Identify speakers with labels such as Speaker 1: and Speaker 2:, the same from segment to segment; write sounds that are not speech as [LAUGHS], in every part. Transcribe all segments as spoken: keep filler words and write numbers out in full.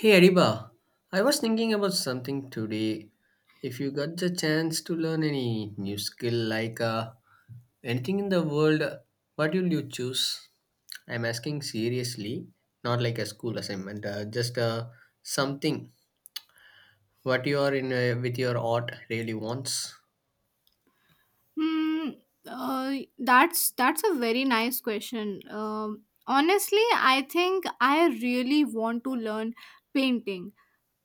Speaker 1: Hey Ariba, I was thinking about something today. If you got the chance to learn any new skill like uh, anything in the world, what will you choose? I'm asking seriously, not like a school assignment, uh, just uh, something what you are in uh, with your art really wants.
Speaker 2: Hmm. Uh, that's that's a very nice question. Um, honestly, I think I really want to learn painting,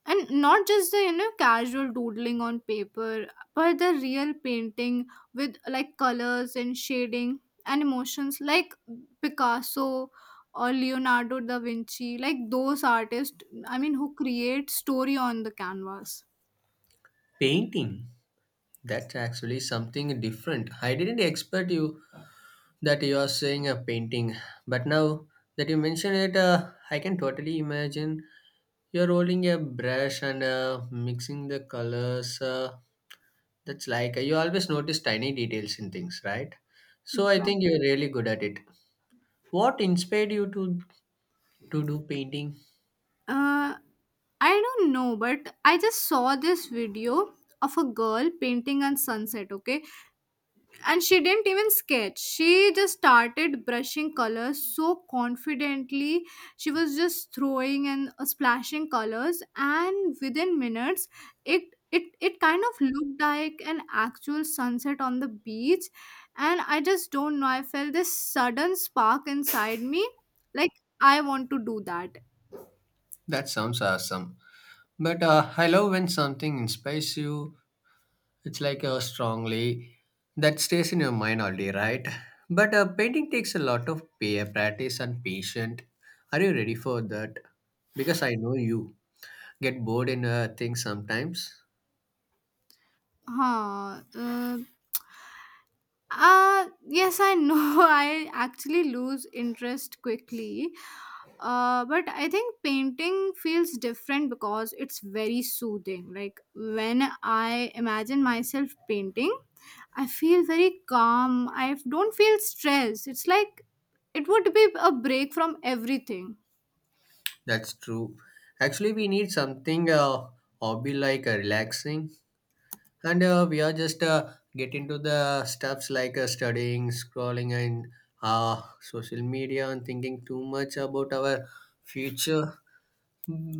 Speaker 2: and not just the you know casual doodling on paper, but the real painting with like colors and shading and emotions, like Picasso or Leonardo da Vinci, like those artists. I mean, who create story on the canvas.
Speaker 1: Painting. That's actually something different. I didn't expect you that you are saying a painting but now that you mention it uh, I can totally imagine you're rolling a brush and uh, mixing the colors uh, That's like uh, you always notice tiny details in things, right? So I think you're really good at it. What inspired you to to do painting?
Speaker 2: Uh, I don't know, but I just saw this video of a girl painting on sunset, okay? And she didn't even sketch. She just started brushing colors so confidently. She was just throwing and uh, splashing colors, and within minutes it it it kind of looked like an actual sunset on the beach, and I just don't know. I felt this sudden spark inside me, like I want to do that.
Speaker 1: That sounds awesome, but uh, I love when something inspires you. It's like a strongly that stays in your mind all day, right? But uh, painting takes a lot of pa- practice and patience. Are you ready for that? Because I know you get bored in uh, things sometimes.
Speaker 2: Huh. Uh, uh, yes, I know. [LAUGHS] I actually lose interest quickly. Uh, but I think painting feels different because it's very soothing. Like when I imagine myself painting, I feel very calm. I don't feel stressed. It's like it would be a break from everything.
Speaker 1: That's true. Actually, we need something uh, hobby like uh, relaxing, and uh, we are just uh, get into the stuffs like uh, studying, scrolling, and uh, social media, and thinking too much about our future.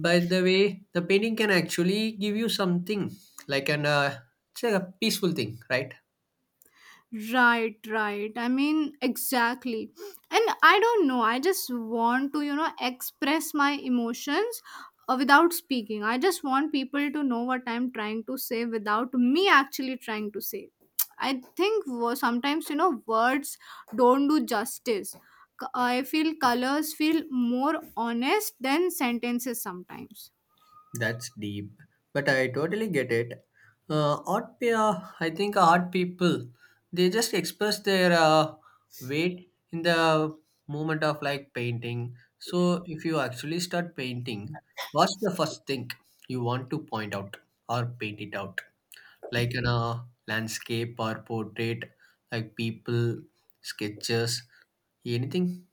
Speaker 1: By the way, the painting can actually give you something like an uh, it's like a peaceful thing, right?
Speaker 2: Right, right. I mean, exactly. And I don't know. I just want to, you know, express my emotions uh, without speaking. I just want people to know what I'm trying to say without me actually trying to say. I think wo- sometimes, you know, words don't do justice. C- I feel colors feel more honest than sentences sometimes.
Speaker 1: That's deep, but I totally get it. Uh, art, pe- uh, I think art people, they just express their uh, weight in the moment of like painting. So if you actually start painting, what's the first thing you want to point out or paint it out, like in a landscape or portrait, like people sketches. Anything?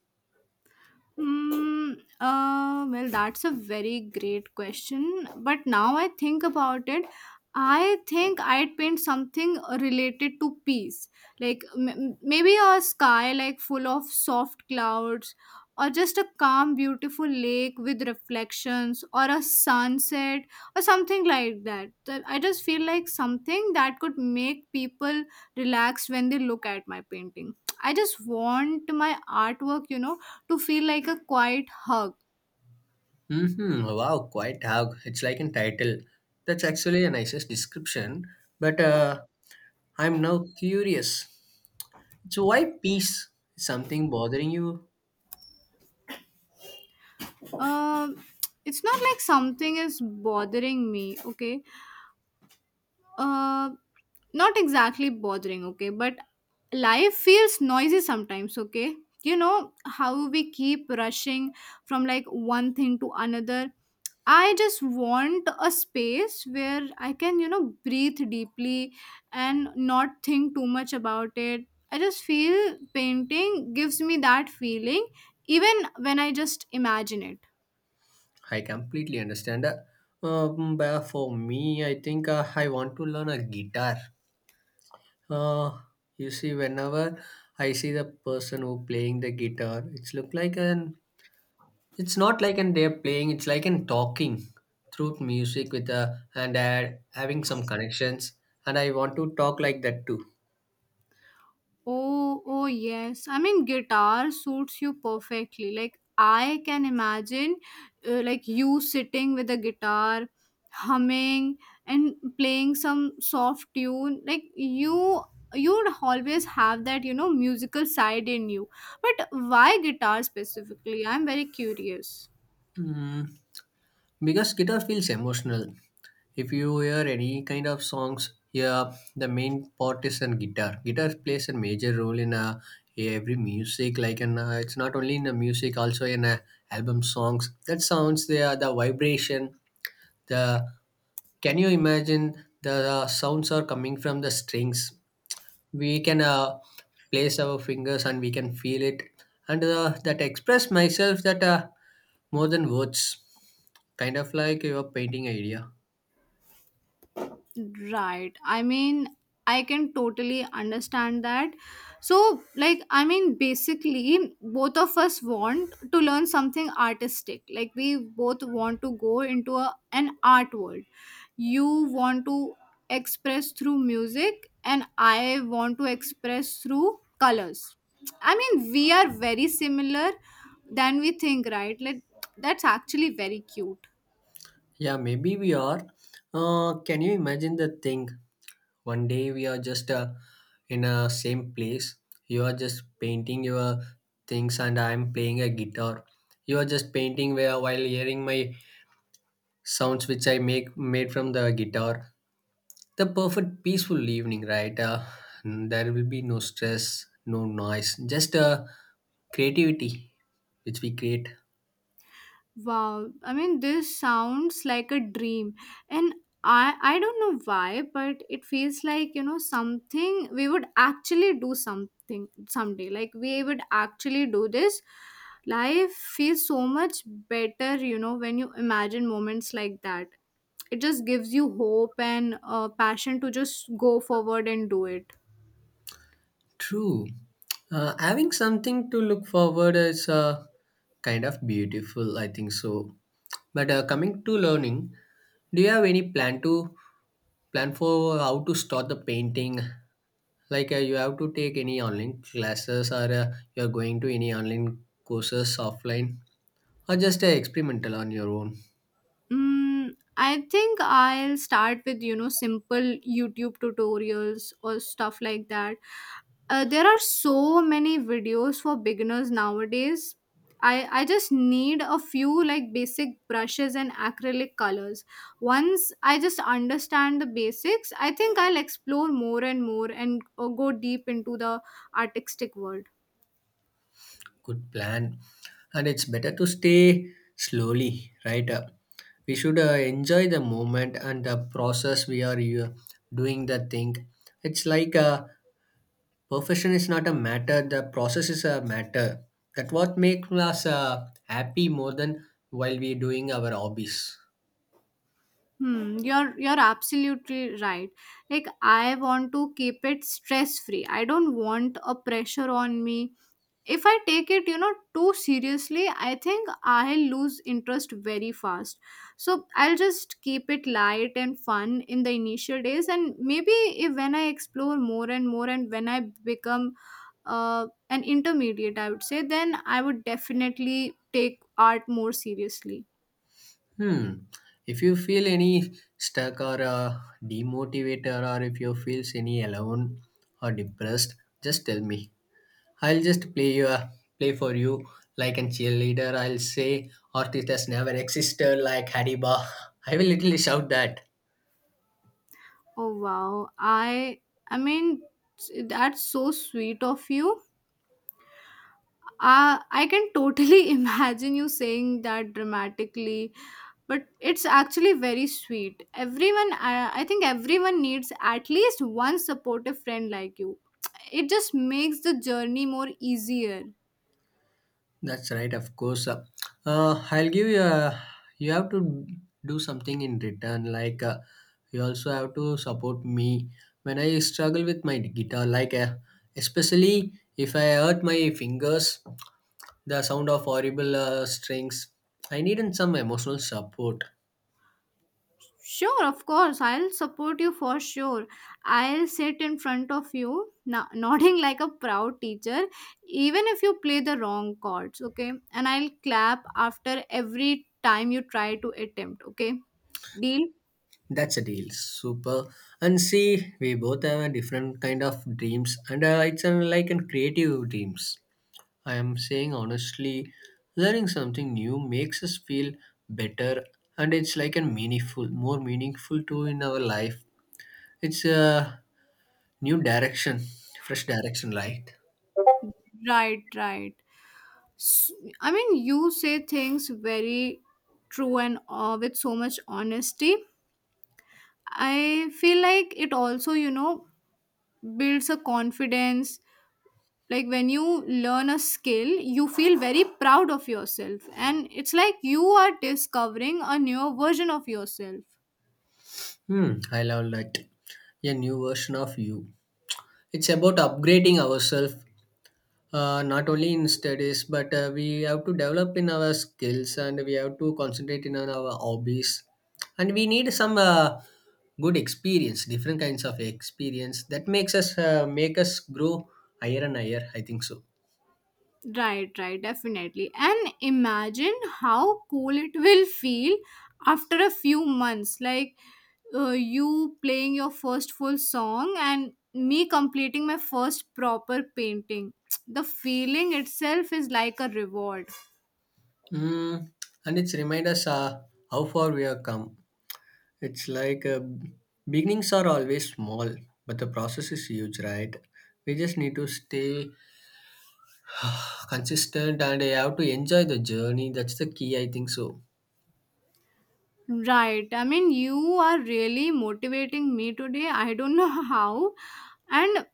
Speaker 2: Hmm. uh, well, that's a very great question. But now I think about it, I think I'd paint something related to peace, like m- m- maybe a sky like full of soft clouds, or just a calm, beautiful lake with reflections, or a sunset, or something like that. That- I just feel like something that could make people relax when they look at my painting. I just want my artwork, you know to feel like a quiet hug.
Speaker 1: Hmm. Wow, quite hug. It's like a title. That's actually a nicest description. But uh, I'm now curious. So why peace? Something bothering you?
Speaker 2: Um, it's not like something is bothering me, okay? uh Not exactly bothering, okay, but life feels noisy sometimes, okay? You know how we keep rushing from like one thing to another. I just want a space where I can, you know breathe deeply and not think too much about it. I just feel painting gives me that feeling, even when I just imagine it.
Speaker 1: I completely understand. Uh, um, but for me, I think uh, I want to learn a guitar. Uh, you see, whenever I see the person who playing the guitar, it's look like an it's not like an they're playing, it's like an talking through music with a and uh, having some connections. And I want to talk like that too.
Speaker 2: Oh, oh yes. I mean, guitar suits you perfectly. Like I can imagine, uh, like you sitting with a guitar, humming and playing some soft tune. Like you, you'd always have that, you know, musical side in you. But why guitar specifically? I'm very curious.
Speaker 1: Mm, because guitar feels emotional. If you hear any kind of songs, yeah, the main part is in guitar. Guitar plays a major role in uh, every music. Like, and uh, it's not only in the music, also in uh, album songs. That sounds they are the vibration. The can you imagine the uh, sounds are coming from the strings? We can uh, place our fingers and we can feel it, and uh, that express myself that uh, more than words, kind of like your painting idea.
Speaker 2: Right. I mean, I can totally understand that. So, like, I mean, basically, both of us want to learn something artistic. Like, we both want to go into a, an art world. You want to express through music, and I want to express through colors. I mean, we are very similar than we think, right? Like, that's actually very cute.
Speaker 1: Yeah, maybe we are. Uh, can you imagine the thing? One day we are just uh, in a same place. You are just painting your things, and I am playing a guitar. You are just painting where while hearing my sounds which I make made from the guitar. The perfect peaceful evening, right? Uh, there will be no stress, no noise, just uh, creativity which we create.
Speaker 2: Wow, I mean this sounds like a dream, and I I don't know why, but it feels like, you know, something we would actually do something someday, like we would actually do this. Life feels so much better, you know, when you imagine moments like that. It just gives you hope and uh, passion to just go forward and do it.
Speaker 1: True. Uh, having something to look forward is uh, kind of beautiful, I think so. But uh, coming to learning, do you have any plan to plan for how to start the painting? Like uh, you have to take any online classes or uh, you're going to any online courses offline or just uh, experimental on your own.
Speaker 2: Mm, I think I'll start with, you know, simple YouTube tutorials or stuff like that. Uh, there are so many videos for beginners nowadays. I, I just need a few like basic brushes and acrylic colors. Once I just understand the basics, I think I'll explore more and more and uh, go deep into the artistic world.
Speaker 1: Good plan, and it's better to stay slowly, right? Uh, we should uh, enjoy the moment and the process we are uh, doing the thing. It's like uh, perfection is not a matter, the process is a matter. That what makes us uh, happy more than while we doing our hobbies.
Speaker 2: Hmm, you're you're absolutely right. Like I want to keep it stress free. I don't want a pressure on me. If I take it, you know, too seriously, I think I lose interest very fast. So I'll just keep it light and fun in the initial days, and maybe if when I explore more and more, and when I become uh, an intermediate, I would say, then I would definitely take art more seriously.
Speaker 1: Hmm. If you feel any stuck or uh, demotivated, or if you feels any alone or depressed, just tell me. I'll just play you a play for you like a cheerleader. I'll say artist has never existed like Hadiba. [LAUGHS] I will literally shout that.
Speaker 2: Oh wow. I I mean that's so sweet of you. Uh, I can totally [LAUGHS] imagine you saying that dramatically, but it's actually very sweet. Everyone, I, I think everyone needs at least one supportive friend like you. It just makes the journey more easier.
Speaker 1: That's right, of course. Uh, uh, I'll give you a, you have to do something in return. Like uh, you also have to support me when I struggle with my guitar. Like uh, especially if I hurt my fingers, the sound of horrible uh, strings. I needed some emotional support.
Speaker 2: Sure, of course. I'll support you for sure. I'll sit in front of you, no- [LAUGHS] nodding like a proud teacher, even if you play the wrong chords, okay? And I'll clap after every time you try to attempt, okay? Deal?
Speaker 1: That's a deal. Super. And see, we both have a different kind of dreams, and uh, it's uh, like in creative dreams. I am saying honestly, learning something new makes us feel better, and it's like a meaningful, more meaningful too in our life. It's a new direction, fresh direction, right?
Speaker 2: Right, right. S- I mean, you say things very true and uh, with so much honesty. I feel like it also, you know, builds a confidence like when you learn a skill, you feel very proud of yourself, and it's like you are discovering a newer version of yourself.
Speaker 1: Hmm, I love that. A new version of you. It's about upgrading ourselves, uh, not only in studies but uh, we have to develop in our skills and we have to concentrate in on our hobbies, and we need some uh, good experience, different kinds of experience that makes us uh, make us grow higher and higher, I think so.
Speaker 2: Right, right, definitely, and imagine how cool it will feel after a few months, like uh, you playing your first full song and me completing my first proper painting. [TSK] The feeling itself is like a reward.
Speaker 1: Mm. And it's remind us uh, how far we have come. It's like uh, beginnings are always small but the process is huge, right? We just need to stay [SIGHS] consistent and I have to enjoy the journey. That's the key, I think so.
Speaker 2: Right. I mean, you are really motivating me today. I don't [LAUGHS] know how. And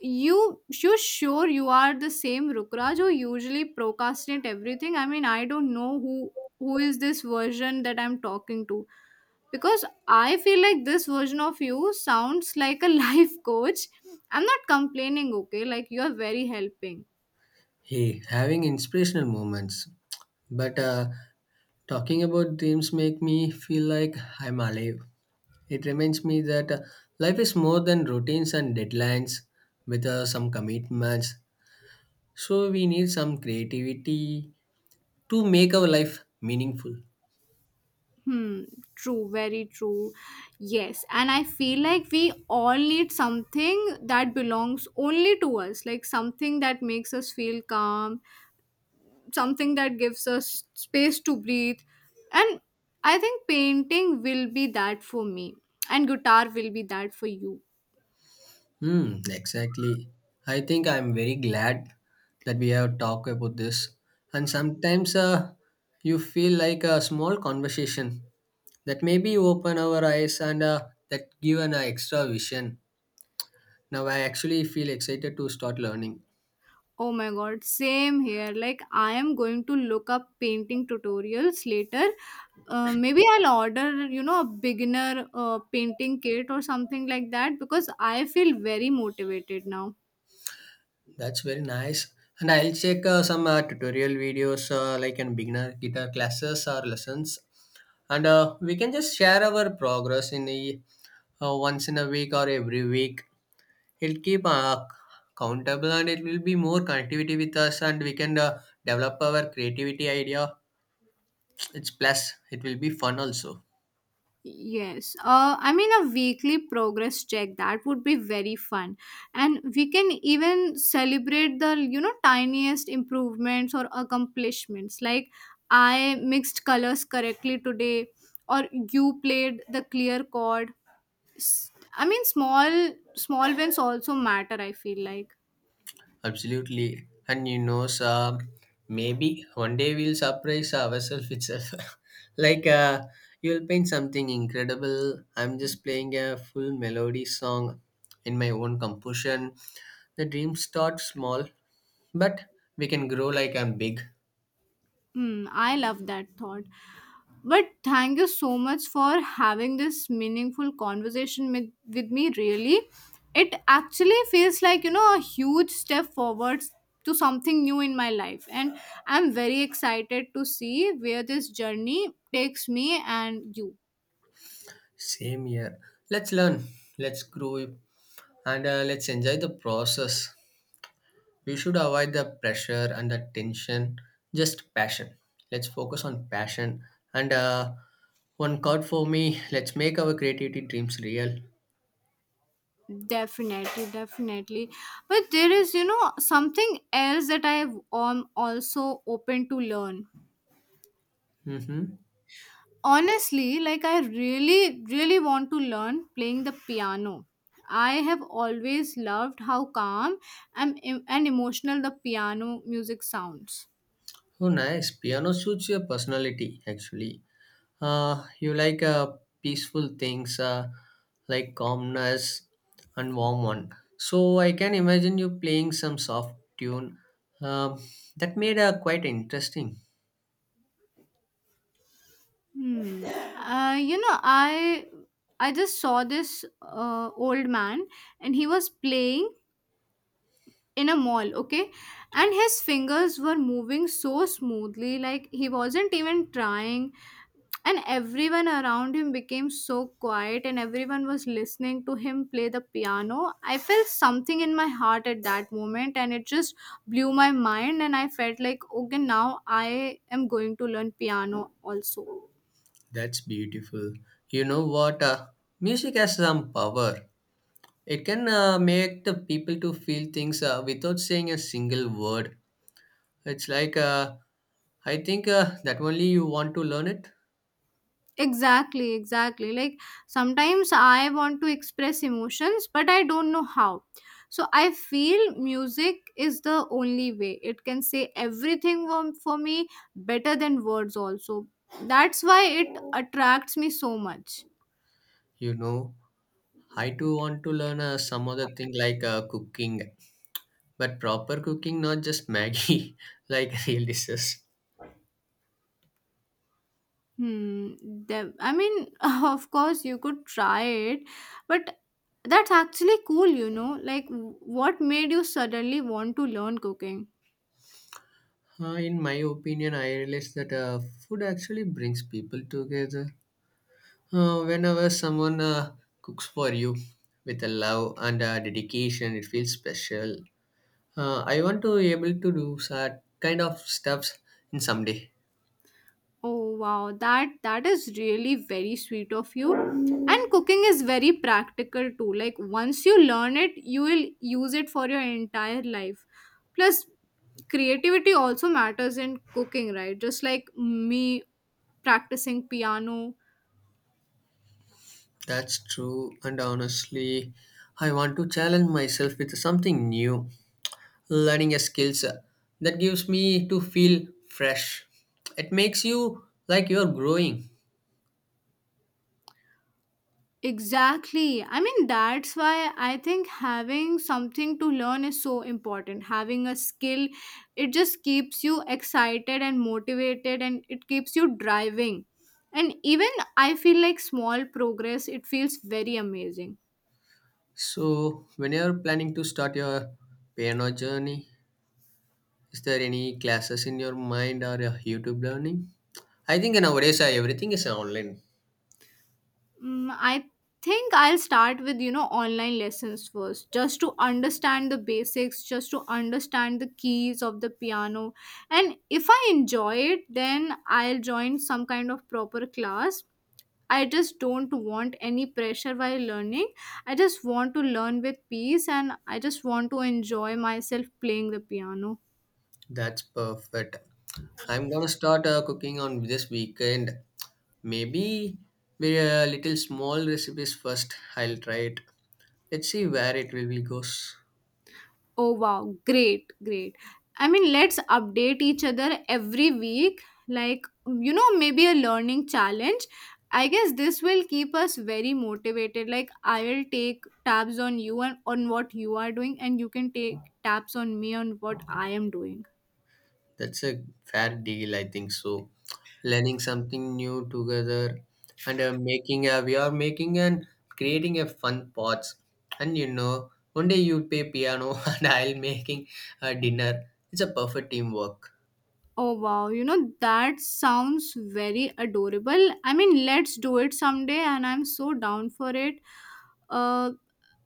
Speaker 2: you, you sure you are the same Rukraj who usually procrastinate everything. I mean, I don't know who who is this version that I'm talking to, because I feel like this version of you sounds like a [LAUGHS] life coach. I'm not complaining, okay? Like you are very helping.
Speaker 1: Hey, having inspirational moments. But uh, talking about dreams make me feel like I'm alive. It reminds me that uh, life is more than routines and deadlines with uh, some commitments. So we need some creativity to make our life meaningful.
Speaker 2: Hmm, true, very true. Yes, and I feel like we all need something that belongs only to us, like something that makes us feel calm, something that gives us space to breathe. And I think painting will be that for me, and guitar will be that for you.
Speaker 1: Hmm, exactly. I think I'm very glad that we have talked about this. And sometimes uh, you feel like a small conversation that maybe open our eyes and uh, that give an extra vision. Now I actually feel excited to start learning.
Speaker 2: Oh my god, same here. Like, I am going to look up painting tutorials later. Uh, maybe I'll order, you know, a beginner uh, painting kit or something like that because I feel very motivated now.
Speaker 1: That's very nice. And I'll check uh, some uh, tutorial videos uh, like in beginner guitar classes or lessons. And uh, we can just share our progress in a uh, once in a week or every week. It'll keep uh, accountable and it will be more connectivity with us and we can uh, develop our creativity idea. It's plus, it will be fun also.
Speaker 2: Yes. Uh, I mean, a weekly progress check that would be very fun, and we can even celebrate the you know tiniest improvements or accomplishments. Like, I mixed colors correctly today, or you played the clear chord. S- I mean, small small wins also matter. I feel like,
Speaker 1: Absolutely. And you know, so maybe one day we'll surprise ourselves itself. [LAUGHS] Like uh, you'll paint something incredible. I'm just playing a full melody song in my own composition. The dreams start small, but we can grow like I'm big.
Speaker 2: hmm, I love that thought. But thank you so much for having this meaningful conversation with, with me. Really, it actually feels like, you know a huge step forwards to something new in my life, and I'm very excited to see where this journey takes me and you.
Speaker 1: Same here. Let's learn, let's grow, and uh, let's enjoy the process. We should avoid the pressure and the tension, just passion. Let's focus on passion. And uh, one chord for me, let's make our creativity dreams real.
Speaker 2: Definitely, definitely. But there is, you know, something else that I am also open to learn.
Speaker 1: Mm-hmm.
Speaker 2: Honestly, like I really, really want to learn playing the piano. I have always loved how calm and, and emotional the piano music sounds.
Speaker 1: Oh, nice. Piano suits your personality, actually. Uh, you like uh, peaceful things uh, like calmness and warm one. So I can imagine you playing some soft tune. Um, that made uh, quite interesting.
Speaker 2: Hmm. Uh, you know, I I just saw this uh, old man, and he was playing in a mall, okay? And his fingers were moving so smoothly, like he wasn't even trying. And everyone around him became so quiet, and everyone was listening to him play the piano. I felt something in my heart at that moment, and it just blew my mind. And I felt like, okay, now I am going to learn piano also.
Speaker 1: That's beautiful. You know what? Uh, music has some power. It can uh, make the people to feel things uh, without saying a single word. It's like uh, I think uh, that only you want to learn it.
Speaker 2: Exactly, exactly. Like sometimes I want to express emotions, but I don't know how. So I feel music is the only way. It can say everything for for me, better than words, also. That's why it attracts me so much.
Speaker 1: You know, I too want to learn uh, some other thing like uh, cooking, but proper cooking, not just maggie [LAUGHS] like real dishes.
Speaker 2: Hmm. the- I mean, [LAUGHS] of course, you could try it, but that's actually cool, you know? Like, w- what made you suddenly want to learn cooking?
Speaker 1: Uh, in my opinion I realize that uh, food actually brings people together. Uh, whenever someone uh, cooks for you with a love and a dedication, it feels special. Uh, I want to be able to do that kind of stuffs in someday.
Speaker 2: Oh wow, that that is really very sweet of you. And cooking is very practical too. Like once you learn it, you will use it for your entire life. Plus creativity also matters in cooking, right? Just like me practicing piano.
Speaker 1: That's true, and honestly I want to challenge myself with something new. Learning a skills uh, that gives me to feel fresh. It makes you like you're growing.
Speaker 2: Exactly. I mean, that's why I think having something to learn is so important. Having a skill, it just keeps you excited and motivated, and it keeps you driving. And even I feel like small progress, it feels very amazing.
Speaker 1: So when you're planning to start your piano journey, is there any classes in your mind or a youtube learning? I think nowadays uh, everything is online.
Speaker 2: Mm, I think I'll start with, you know, online lessons first, just to understand the basics, just to understand the keys of the piano. And if I enjoy it, then I'll join some kind of proper class. I just don't want any pressure while learning. I just want to learn with peace, and I just want to enjoy myself playing the piano.
Speaker 1: That's perfect. I'm gonna start uh, cooking on this weekend, maybe with a little small recipes first, I'll try it. Let's see where it really goes.
Speaker 2: Oh wow, great, great. I mean, let's update each other every week. Like, you know, maybe a learning challenge. I guess this will keep us very motivated. Like, I'll take tabs on you and on what you are doing, and you can take tabs on me on what I am doing.
Speaker 1: That's a fair deal, I think so. Learning something new together and uh, making a we are making and creating a fun pots. And you know, one day you play piano [LAUGHS] and I'll making a dinner. It's a perfect teamwork.
Speaker 2: Oh wow, you know that sounds very adorable. I mean, let's do it someday, and I'm so down for it. Uh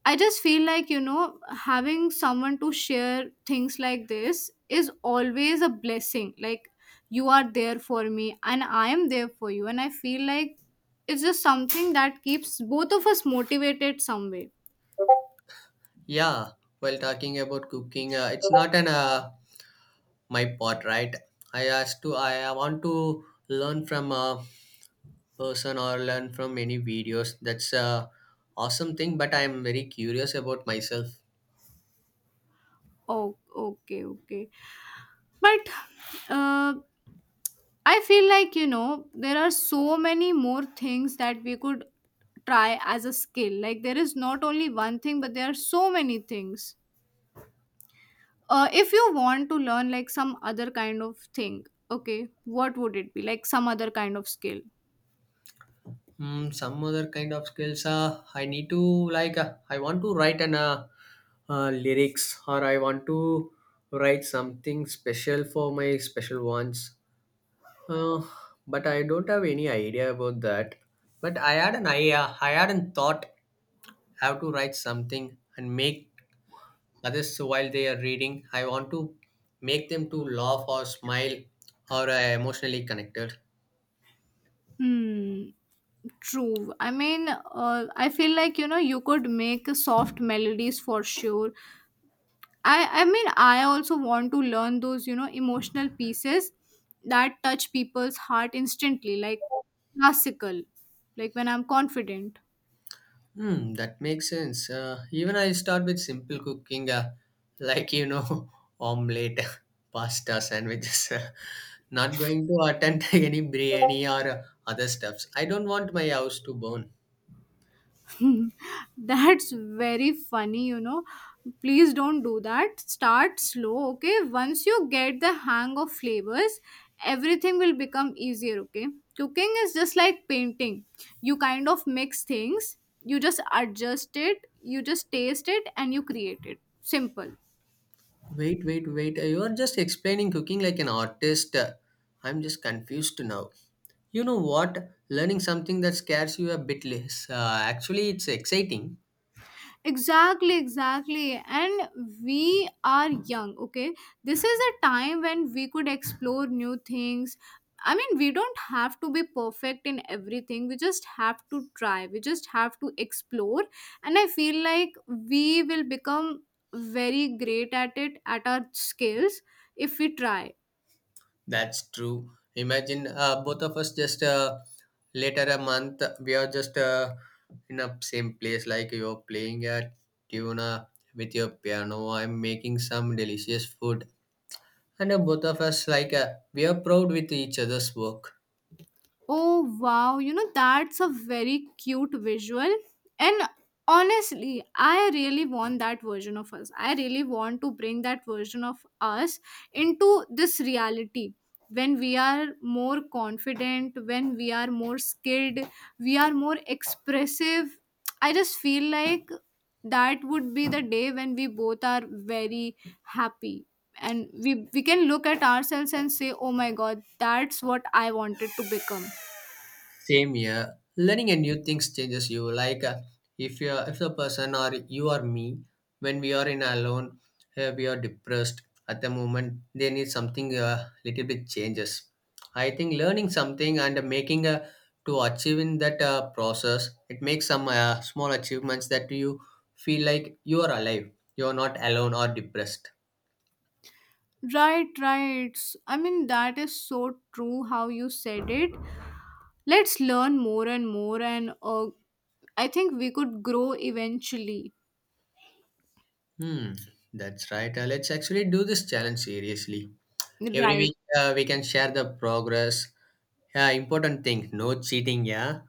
Speaker 2: I just feel like, you know, having someone to share things like this is always a blessing. Like you are there for me and I am there for you and I feel like it's just something that keeps both of us motivated some way.
Speaker 1: Yeah, well, talking about cooking, uh, it's not an uh, my pot, right? I asked to I I want to learn from a person or learn from any videos. That's a awesome thing, but I'm very curious about myself.
Speaker 2: Oh, okay, okay. But uh, I feel like, you know, there are so many more things that we could try as a skill. Like, there is not only one thing, but there are so many things. Uh, if you want to learn, like, some other kind of thing, okay, what would it be? Like, some other kind of skill.
Speaker 1: Mm, some other kind of skills. Uh, I need to like uh, I want to write an uh, uh, lyrics, or I want to write something special for my special ones. Uh, but I don't have any idea about that. But I had an idea. I had a thought how to write something and make others while they are reading. I want to make them to laugh or smile or uh, emotionally connected.
Speaker 2: Hmm, true. I mean, uh, I feel like, you know, you could make soft melodies for sure. I I mean I also want to learn those, you know, emotional pieces that touch people's heart instantly, like classical, like when I'm confident.
Speaker 1: Hmm, that makes sense. Uh, even I start with simple cooking, uh, [LAUGHS] like you know, [LAUGHS] omelette, [LAUGHS] pasta, sandwiches. [LAUGHS] Not going to attempt [LAUGHS] any biryani or uh, other stuffs. I don't want my house to burn.
Speaker 2: [LAUGHS] That's very funny, you know. Please don't do that. Start slow, okay? Once you get the hang of flavors, everything will become easier, okay? Cooking is just like painting. You kind of mix things, you just adjust it, you just taste it, and you create it simple.
Speaker 1: Wait, wait, wait. Uh, You are just explaining cooking like an artist. Uh, I'm just confused now. You know what? Learning something that scares you a bit less. Uh, actually, it's exciting.
Speaker 2: Exactly, exactly. And we are young, okay? This is a time when we could explore new things. I mean, we don't have to be perfect in everything, we just have to try, we just have to explore. And I feel like we will become very great at it, at our skills, if we try.
Speaker 1: That's true. Imagine uh, both of us just uh, later a month, we are just uh, in a same place, like you're playing a tuna with your piano. I'm making some delicious food. And uh, both of us, like, uh, we are proud with each other's work.
Speaker 2: Oh wow, you know that's a very cute visual. And honestly, I really want that version of us. I really want to bring that version of us into this reality. When we are more confident, when we are more skilled, we are more expressive. I just feel like that would be the day when we both are very happy and we we can look at ourselves and say, oh my god, that's what I wanted to become.
Speaker 1: Same here. Learning a new things changes you. Like uh, if you're if the person or you or me, when we are in alone, uh, we are depressed at the moment. They need something uh, little bit changes. I think learning something and making a to achieving that uh, process, it makes some uh, small achievements that you feel like you are alive. You are not alone or depressed.
Speaker 2: Right, right. S- I mean, that is so true how you said it. Let's learn more and more, and uh, I think we could grow eventually.
Speaker 1: Hmm, that's right. Uh, let's actually do this challenge seriously. Every
Speaker 2: Right.
Speaker 1: week uh, we can share the progress. Yeah, important thing. No cheating. Yeah,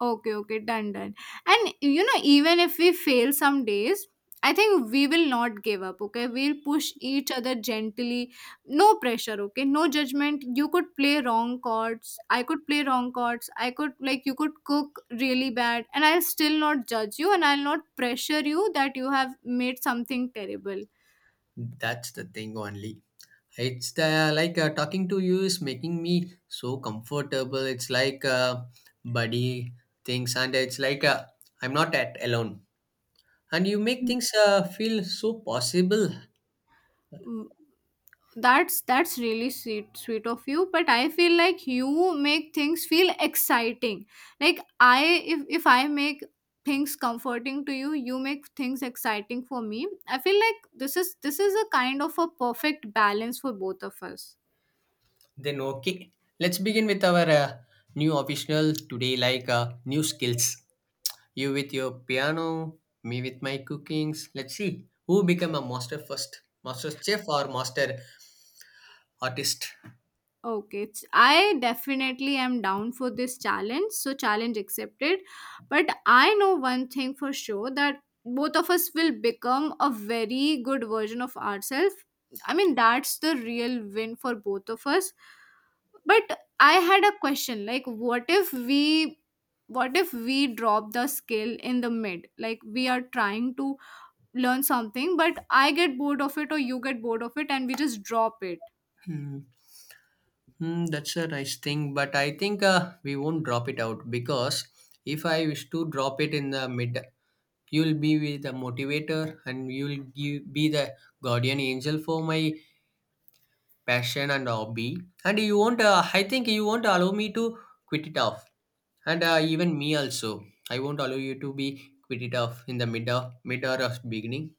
Speaker 2: Okay, okay, done, done. And you know, even if we fail some days, I think we will not give up, okay? We'll push each other gently. No pressure, okay? No judgment. You could play wrong chords. I could play wrong chords. I could, like, you could cook really bad. And I'll still not judge you and I'll not pressure you that you have made something terrible.
Speaker 1: that's the thing only. It's the like uh, talking to you is making me so comfortable. It's like uh, buddy things, and it's like uh, I'm not at alone. And you make things uh, feel so possible.
Speaker 2: Mm. That's that's really sweet sweet of you, but I feel like you make things feel exciting. Like I, if if I make things comforting to you, you make things exciting for me. I feel like this is this is a kind of a perfect balance for both of us.
Speaker 1: Then okay, let's begin with our uh, new official today, like uh, new skills. You with your piano, me with my cookings. Let's see who become a master first, master chef or master artist.
Speaker 2: Okay, ch- I definitely am down for this challenge. So, challenge accepted. But I know one thing for sure that both of us will become a very good version of ourselves. I mean, that's the real win for both of us. But I had a question like, what if we. What if we drop the skill in the mid? Like, we are trying to learn something, but I get bored of it, or you get bored of it, and we just drop it.
Speaker 1: Hmm. Hmm, that's a nice thing, but I think uh, we won't drop it out because if I wish to drop it in the mid, you'll be with the motivator and you'll give, be the guardian angel for my passion and hobby. And you won't, uh, I think you won't allow me to quit it off, and uh, even me also. I won't allow you to be quit it off in the mid of mid or of beginning.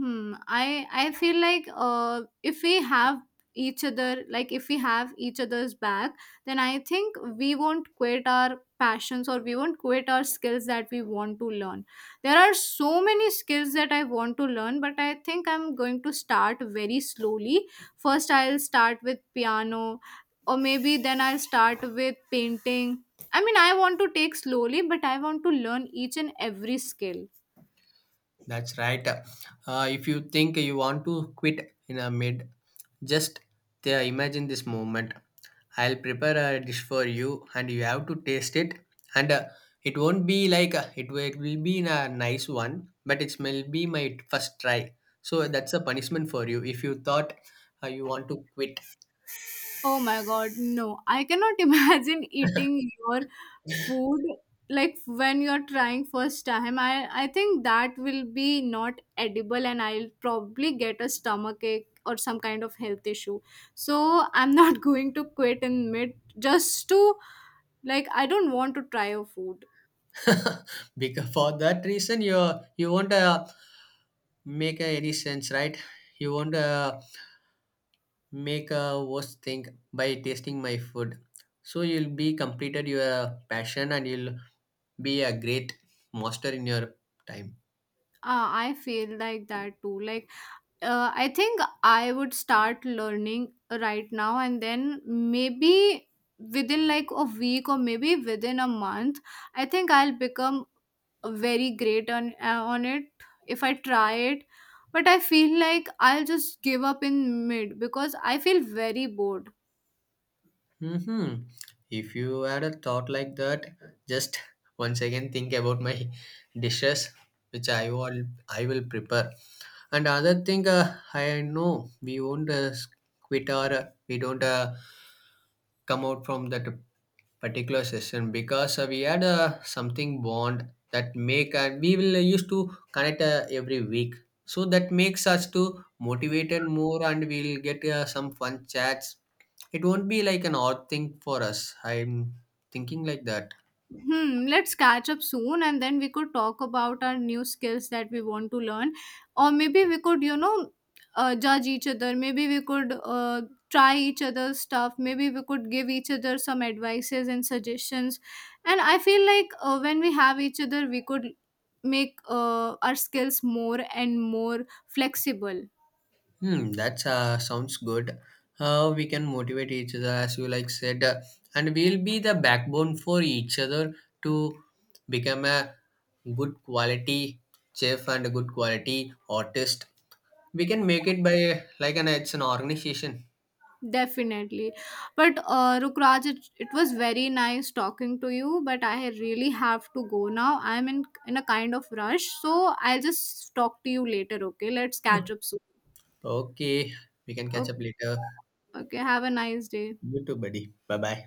Speaker 2: Hmm. I I feel like uh, if we have each other, like if we have each other's back, then I think we won't quit our passions or we won't quit our skills that we want to learn. There are so many skills that I want to learn, but I think I'm going to start very slowly. First, I'll start with piano, or maybe then I'll start with painting. I mean, I want to take slowly, but I want to learn each and every skill.
Speaker 1: That's right. Uh, if you think you want to quit in a mid, just uh, imagine this moment. I'll prepare a dish for you and you have to taste it. And uh, it won't be like uh, it will it will be in a nice one, but it will be my first try. So that's a punishment for you if you thought uh, you want to quit.
Speaker 2: Oh my god, no. I cannot [LAUGHS] imagine eating your food like when you're trying first time. I I think that will be not edible and I'll probably get a stomach ache or some kind of health issue. So I'm not [LAUGHS] going to quit in mid just to, like, I don't want to try your food.
Speaker 1: [LAUGHS] Because for that reason, you you won't uh, make uh, any sense, right? You won't uh, make a worse thing by tasting my food. So you'll be completed your passion and you'll be a great master in your time.
Speaker 2: Uh, I feel like that too. Like, uh, I think I would start learning right now, and then maybe within like a week or maybe within a month, I think I'll become very great on uh, on it if I try it. But I feel like I'll just give up in mid because I feel very bored.
Speaker 1: hmm If you had a thought like that, just [LAUGHS] once again think about my dishes, which I will I will prepare. And other thing, uh, I know we won't uh, quit or uh, we don't uh, come out from that particular session because uh, we had uh, something bond that make and we will uh, used to connect uh, every week, so that makes us to motivated more and we'll get uh, some fun chats. It won't be like an odd thing for us i'm thinking like that.
Speaker 2: Hmm, let's catch up soon and then we could talk about our new skills that we want to learn. Or maybe we could, you know, uh, judge each other. Maybe we could uh, try each other's stuff. Maybe we could give each other some advices and suggestions. And I feel like uh, when we have each other, we could make uh, our skills more and more flexible.
Speaker 1: Hmm that's uh, sounds good. Uh, we can motivate each other as you like said, uh, and we'll be the backbone for each other to become a good quality chef and a good quality artist. We can make it by like an it's an organization.
Speaker 2: Definitely. But uh, Rukraj, it, it was very nice talking to you, but I really have to go now. I'm in in a kind of rush, so I'll just talk to you later, okay? Let's catch up soon.
Speaker 1: Okay, we can catch
Speaker 2: Okay,
Speaker 1: up later.
Speaker 2: okay. Have a nice day.
Speaker 1: You too, buddy. Bye bye.